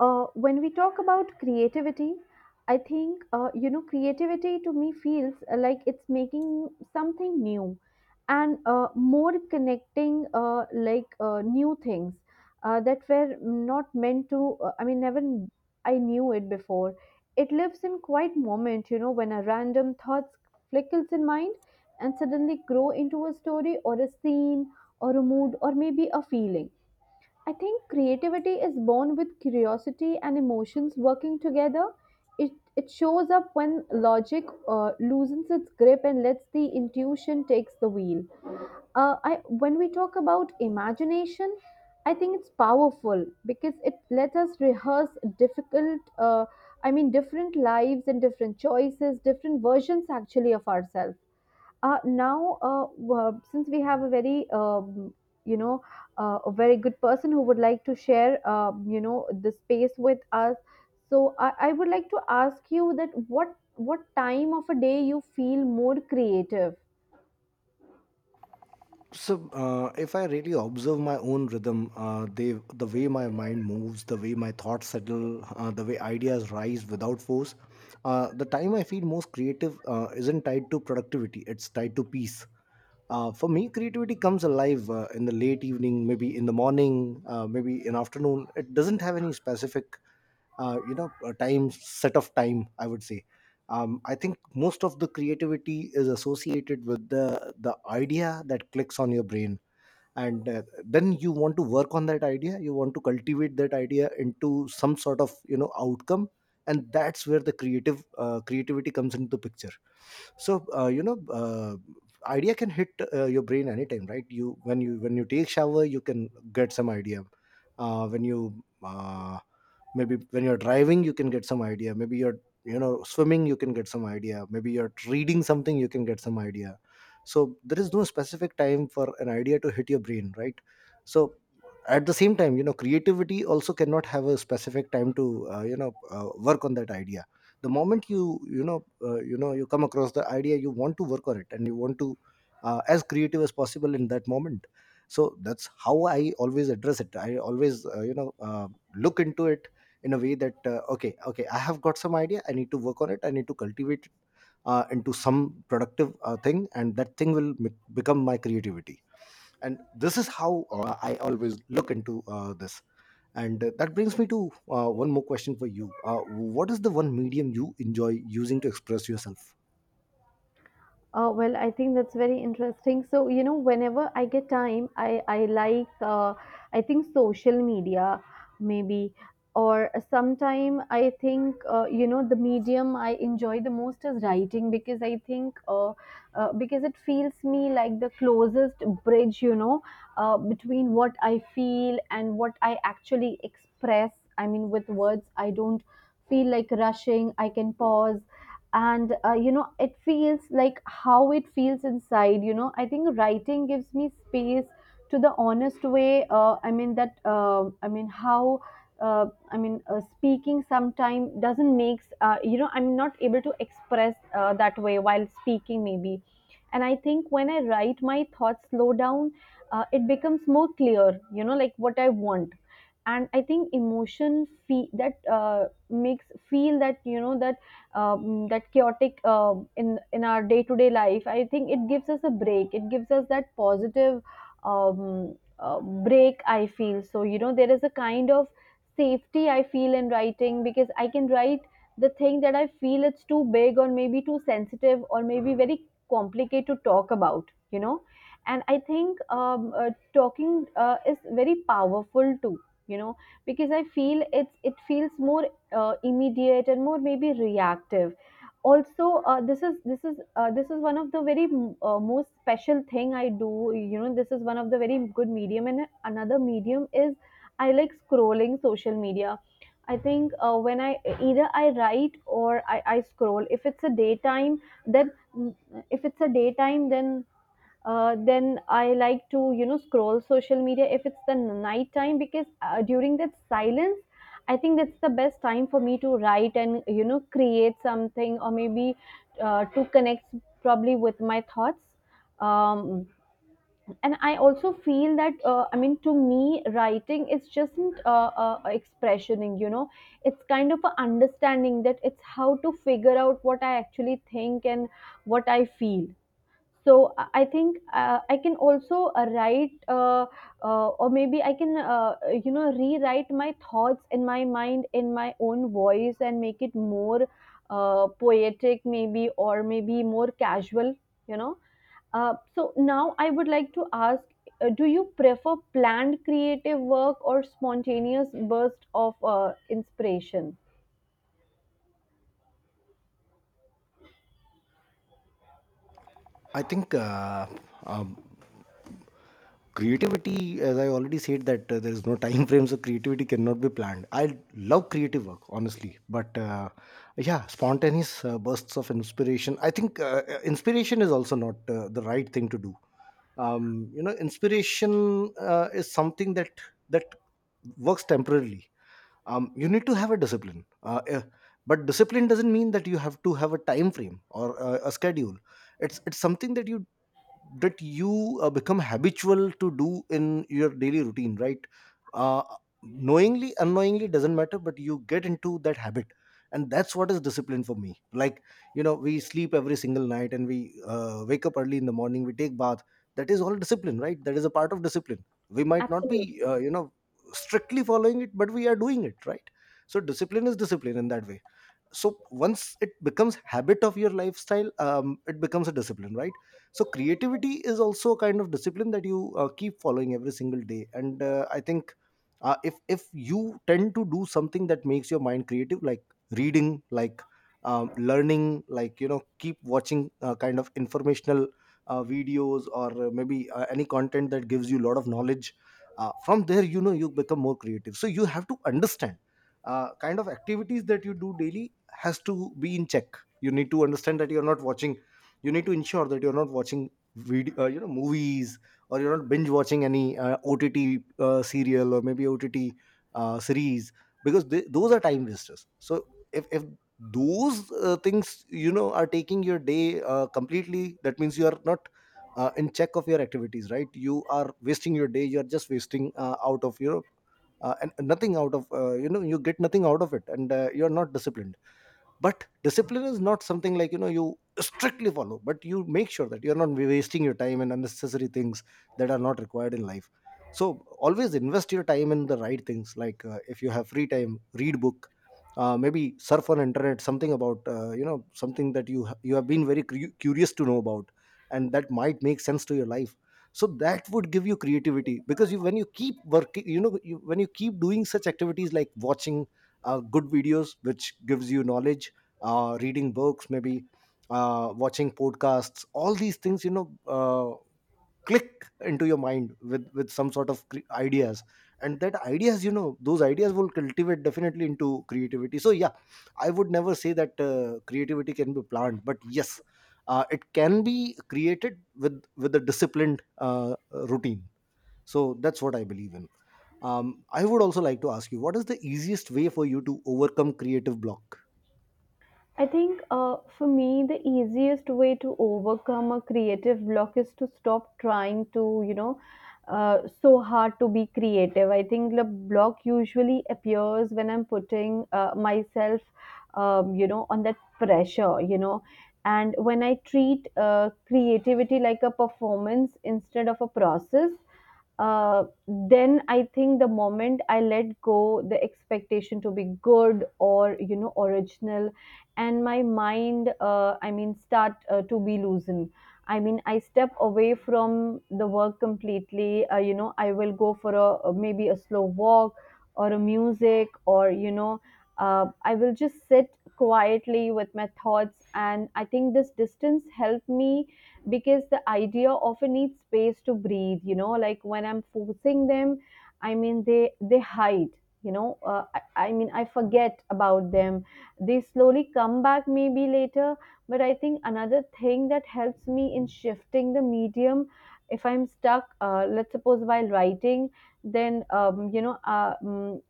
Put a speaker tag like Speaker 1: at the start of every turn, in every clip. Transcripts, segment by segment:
Speaker 1: When we talk about creativity, I think creativity to me feels like it's making something new. And more connecting, new things that were not meant to. I mean, never I knew it before. It lives in quiet moment, when a random thought flickers in mind and suddenly grow into a story, or a scene, or a mood, or maybe a feeling. I think creativity is born with curiosity and emotions working together. It, it shows up when logic loosens its grip and lets the intuition takes the wheel. When we talk about imagination, I think it's powerful because it lets us rehearse difficult, uh, I mean, different lives and different choices, different versions actually of ourselves. Now, since we have a very you know a very good person who would like to share, the space with us. So I would like to ask you that what time of a day you feel more creative?
Speaker 2: So if I really observe my own rhythm, the way my mind moves, the way my thoughts settle, the way ideas rise without force. The time I feel most creative isn't tied to productivity, it's tied to peace. For me, creativity comes alive in the late evening, maybe in the morning, maybe in afternoon. It doesn't have any specific time, set of time, I would say. I think most of the creativity is associated with the idea that clicks on your brain. And then you want to work on that idea, you want to cultivate that idea into some sort of outcome. And that's where the creative creativity comes into the picture. So idea can hit your brain anytime, right? You when you when you take shower, you can get some idea. Uh, when you uh, maybe when you're driving, you can get some idea. Maybe you're swimming, you can get some idea. Maybe you're reading something, you can get some idea. So there is no specific time for an idea to hit your brain, right? So at the same time, you know, creativity also cannot have a specific time to work on that idea. The moment you come across the idea, you want to work on it, and you want to as creative as possible in that moment. So that's how I always address it. I always look into it in a way that, okay, okay, I have got some idea, I need to work on it, I need to cultivate into some productive thing, and that thing will become my creativity. And this is how I always look into this. And that brings me to one more question for you. What is the one medium you enjoy using to express yourself?
Speaker 1: Well, I think that's very interesting. So, whenever I get time, I like, I think social media maybe, or sometime I think, the medium I enjoy the most is writing, because I think, because it feels me like the closest bridge, between what I feel and what I actually express. I mean, with words, I don't feel like rushing. I can pause, and it feels like how it feels inside. I think writing gives me space to the honest way. I mean that, how. uh, Speaking sometimes doesn't makes, I'm not able to express that way while speaking maybe. And I think when I write, my thoughts slow down. It becomes more clear, like what I want. And I think emotion, that makes feel that, you know, that chaotic, in our day to day life. I think it gives us a break. It gives us that positive, break. I feel so. You know, there is a kind of safety I feel in writing, because I can write the thing that I feel it's too big, or maybe too sensitive, or maybe very complicated to talk about. You know. And I think, talking is very powerful too, you know, because I feel it feels more immediate and more maybe reactive. Also, this is one of the very, most special thing I do. This is one of the very good medium, and another medium is I like scrolling social media. I think, when I, either I write or I scroll, if it's a daytime then, if it's a daytime, then I like to, scroll social media. If it's the night time, because, during that silence, I think that's the best time for me to write and, create something, or maybe, to connect probably with my thoughts. Um, and I also feel that, I mean, to me writing is just, expressioning, it's kind of a understanding that it's how to figure out what I actually think and what I feel. So I think, I can also write, or maybe I can, rewrite my thoughts in my mind in my own voice and make it more poetic maybe, or maybe more casual. you know so now I would like to ask, do you prefer planned creative work or spontaneous burst of inspiration?
Speaker 2: I think, um, creativity, as I already said, that there is no time frame, so creativity cannot be planned. I love creative work, honestly. But yeah, spontaneous bursts of inspiration, I think inspiration is also not the right thing to do. You know, inspiration is something that works temporarily. You need to have a discipline. But discipline doesn't mean that you have to have a time frame or a schedule. It's something that you become habitual to do in your daily routine, right? uh, Knowingly, unknowingly, doesn't matter, but you get into that habit. And that's what is discipline for me. Like, you know, we sleep every single night, and we wake up early in the morning, we take bath. That is all discipline, right? That is a part of discipline. We might not be
Speaker 1: Absolutely.
Speaker 2: strictly following it, but we are doing it, right? So discipline is discipline in that way. So once it becomes habit of your lifestyle, it becomes a discipline, right? So creativity is also a kind of discipline that you keep following every single day. And I think if you tend to do something that makes your mind creative, like reading, like, learning, like, you know, keep watching kind of informational videos, or maybe any content that gives you a lot of knowledge, from there, you know, you become more creative. So you have to understand kind of activities that you do daily has to be in check. You need to understand that you're not watching, you need to ensure that you're not watching video, movies, or you're not binge watching any OTT serial, or maybe OTT series, because those are time wasters. So if those things, you know, are taking your day completely, that means you are not in check of your activities, right? You are wasting your day, you are just wasting out of your , and nothing out of you get nothing out of it, and you're not disciplined. But discipline is not something, like, you know, you strictly follow, but you make sure that you're not wasting your time in unnecessary things that are not required in life. So always invest your time in the right things. Like, if you have free time, read book, maybe surf on internet something about something that you have been very curious to know about, and that might make sense to your life. So that would give you creativity, because you when you keep working you know you, when you keep doing such activities like watching good videos which gives you knowledge, reading books, maybe watching podcasts. All these things, you know, click into your mind with some sort of ideas, and that ideas, you know, those ideas will cultivate definitely into creativity. So yeah, I would never say that creativity can be planned, but yes, it can be created with a disciplined routine. So that's what I believe in. I would also like to ask you, what is the easiest way for you to overcome creative block?
Speaker 1: I think, for me, the easiest way to overcome a creative block is to stop trying to, so hard to be creative. I think the block usually appears when I'm putting myself, on that pressure, and when I treat creativity like a performance instead of a process. Then I think the moment I let go the expectation to be good or, original, and my mind, I mean, start to be loosened. I mean, I step away from the work completely. I will go for maybe a slow walk, or a music, or I will just sit quietly with my thoughts, and I think this distance helped me, because the idea often needs space to breathe, like when I'm forcing them. I mean, they hide. you know uh, I, I mean, I forget about them. They slowly come back maybe later. But I think another thing that helps me in shifting the medium, if I'm stuck, let's suppose while writing, then,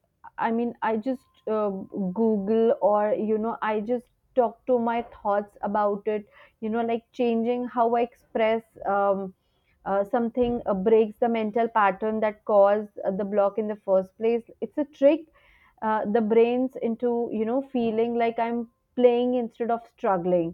Speaker 1: I mean, I just, google, or I just talk to my thoughts about it. Like, changing how I express, something breaks the mental pattern that caused the block in the first place. It's a trick the brains into, feeling like I'm playing instead of struggling.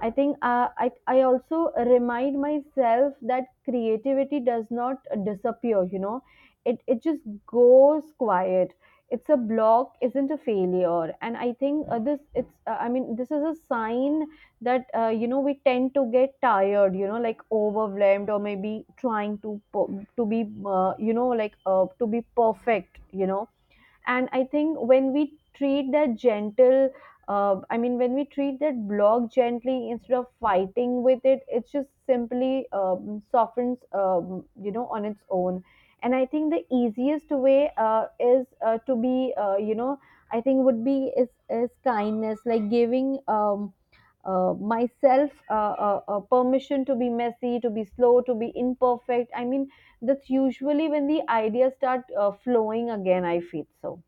Speaker 1: I think, I also remind myself that creativity does not disappear, it just goes quiet. It's a block, isn't a failure. And I think, this it's I mean, this is a sign that, we tend to get tired, like overwhelmed, or maybe trying to to be, to be perfect. And I think when we treat that gentle, I mean, when we treat that block gently instead of fighting with it, it just simply softens, on its own. And I think the easiest way, is, to be, I think would be, is kindness, like giving, myself, permission to be messy, to be slow, to be imperfect. I mean, that's usually when the ideas start flowing again, I feel so.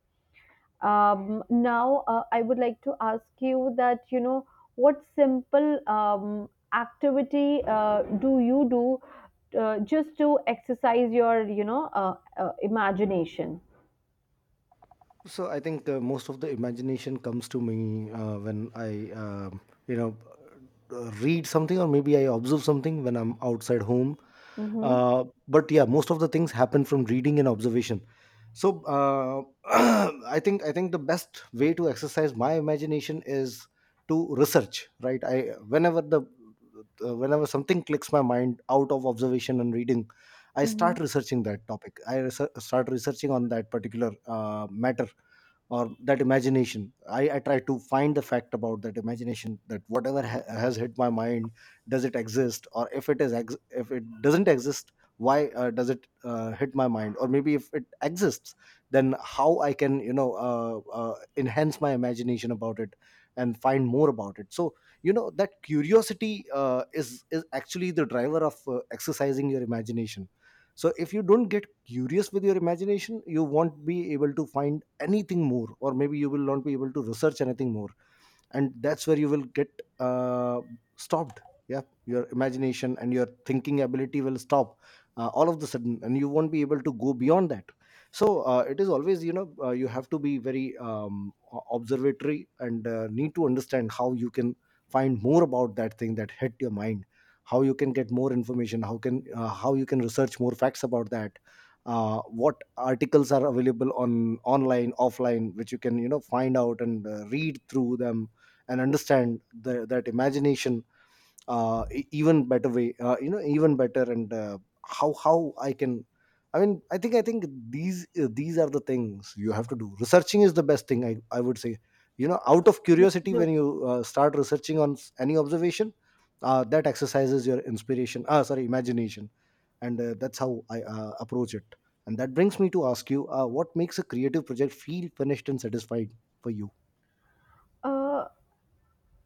Speaker 1: Now, I would like to ask you that, what simple, activity do you do, just to exercise your, imagination?
Speaker 2: So I think, most of the imagination comes to me when I, you know, read something, or maybe I observe something when I'm outside home.
Speaker 1: Mm-hmm.
Speaker 2: But yeah, most of the things happen from reading and observation. So, I think the best way to exercise my imagination is to research. Right? I whenever the Whenever something clicks my mind out of observation and reading, I
Speaker 1: Mm-hmm.
Speaker 2: start researching that topic. I start researching on that particular matter, or that imagination. I try to find the fact about that imagination, that whatever has hit my mind, does it exist, or if it doesn't exist, why does it hit my mind, or maybe if it exists, then how I can, enhance my imagination about it, and find more about it. So you know, that curiosity is actually the driver of exercising your imagination. So if you don't get curious with your imagination, you won't be able to find anything more, or maybe you will not be able to research anything more, and that's where you will get uh, stopped. Yeah, your imagination and your thinking ability will stop all of the sudden, and you won't be able to go beyond that. So, it is always, you know, you have to be very, observatory, and need to understand how you can find more about that thing that hit your mind, how you can get more information, how you can research more facts about that, what articles are available on online offline, which you can, you know, find out, and read through them, and understand that imagination even better way, even better, and. How I can, I mean, I think these these are the things you have to do. Researching is the best thing, I would say. You know, out of curiosity,
Speaker 1: Absolutely.
Speaker 2: when you start researching on any observation, that exercises your inspiration, ah, sorry, imagination. And that's how I approach it. And that brings me to ask you, what makes a creative project feel finished and satisfied, for you?
Speaker 1: Uh,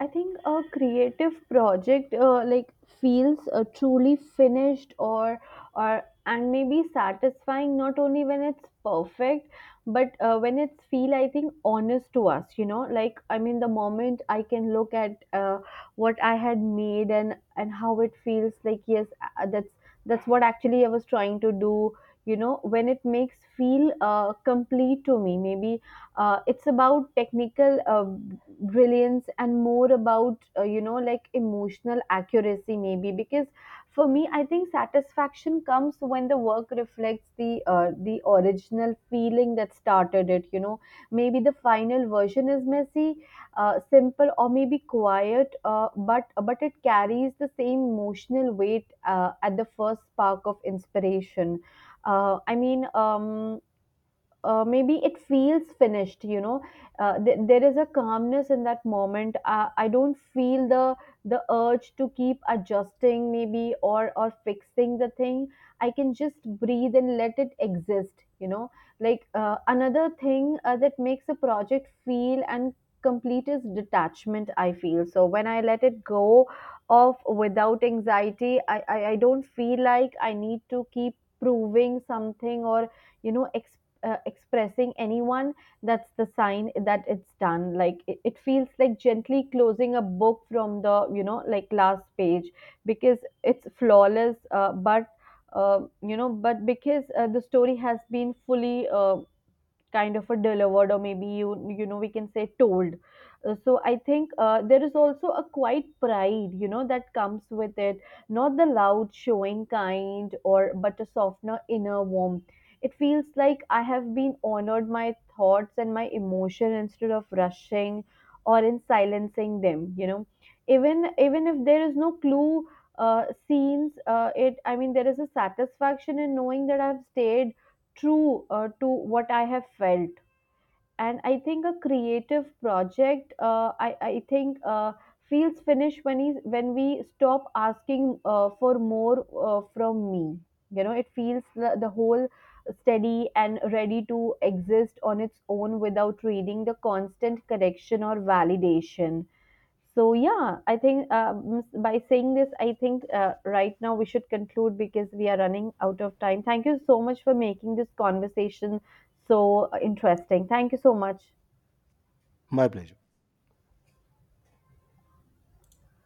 Speaker 1: I think a creative project, like, feels truly finished, or and maybe satisfying, not only when it's perfect, but, when it's feel, I think, honest to us, like, I mean, the moment I can look at what I had made, and how it feels like, yes, that's what actually I was trying to do. When it makes feel complete to me, maybe, it's about technical, brilliance, and more about, like emotional accuracy maybe. Because for me, I think satisfaction comes when the work reflects the original feeling that started it, maybe the final version is messy, simple, or maybe quiet, but it carries the same emotional weight, at the first spark of inspiration. I mean, maybe it feels finished. There is a calmness in that moment. I don't feel the urge to keep adjusting maybe, or fixing the thing. I can just breathe and let it exist. Like, another thing, that makes a project feel and complete, is detachment, I feel so, when I let it go off without anxiety. I don't feel like I need to keep proving something, or, you know expressing anyone. That's the sign that it's done, like it feels like gently closing a book from the, like, last page. Because it's flawless, but you know but because, the story has been fully, kind of a delivered, or maybe, you know, we can say, told. So I think, there is also a quiet pride, that comes with it. Not the loud showing kind, or, but a softener inner warmth. It feels like I have been honored my thoughts and my emotion instead of rushing or in silencing them. Even if there is no clue, scenes, it I mean, there is a satisfaction in knowing that I've stayed true, to what I have felt. And I think a creative project, I think, feels finished when, when we stop asking for more from me. You know, it feels the whole steady and ready to exist on its own without reading the constant correction or validation. So yeah, I think, by saying this, I think, right now we should conclude because we are running out of time. Thank you so much for making this conversation so, interesting. Thank you so much.
Speaker 2: My pleasure.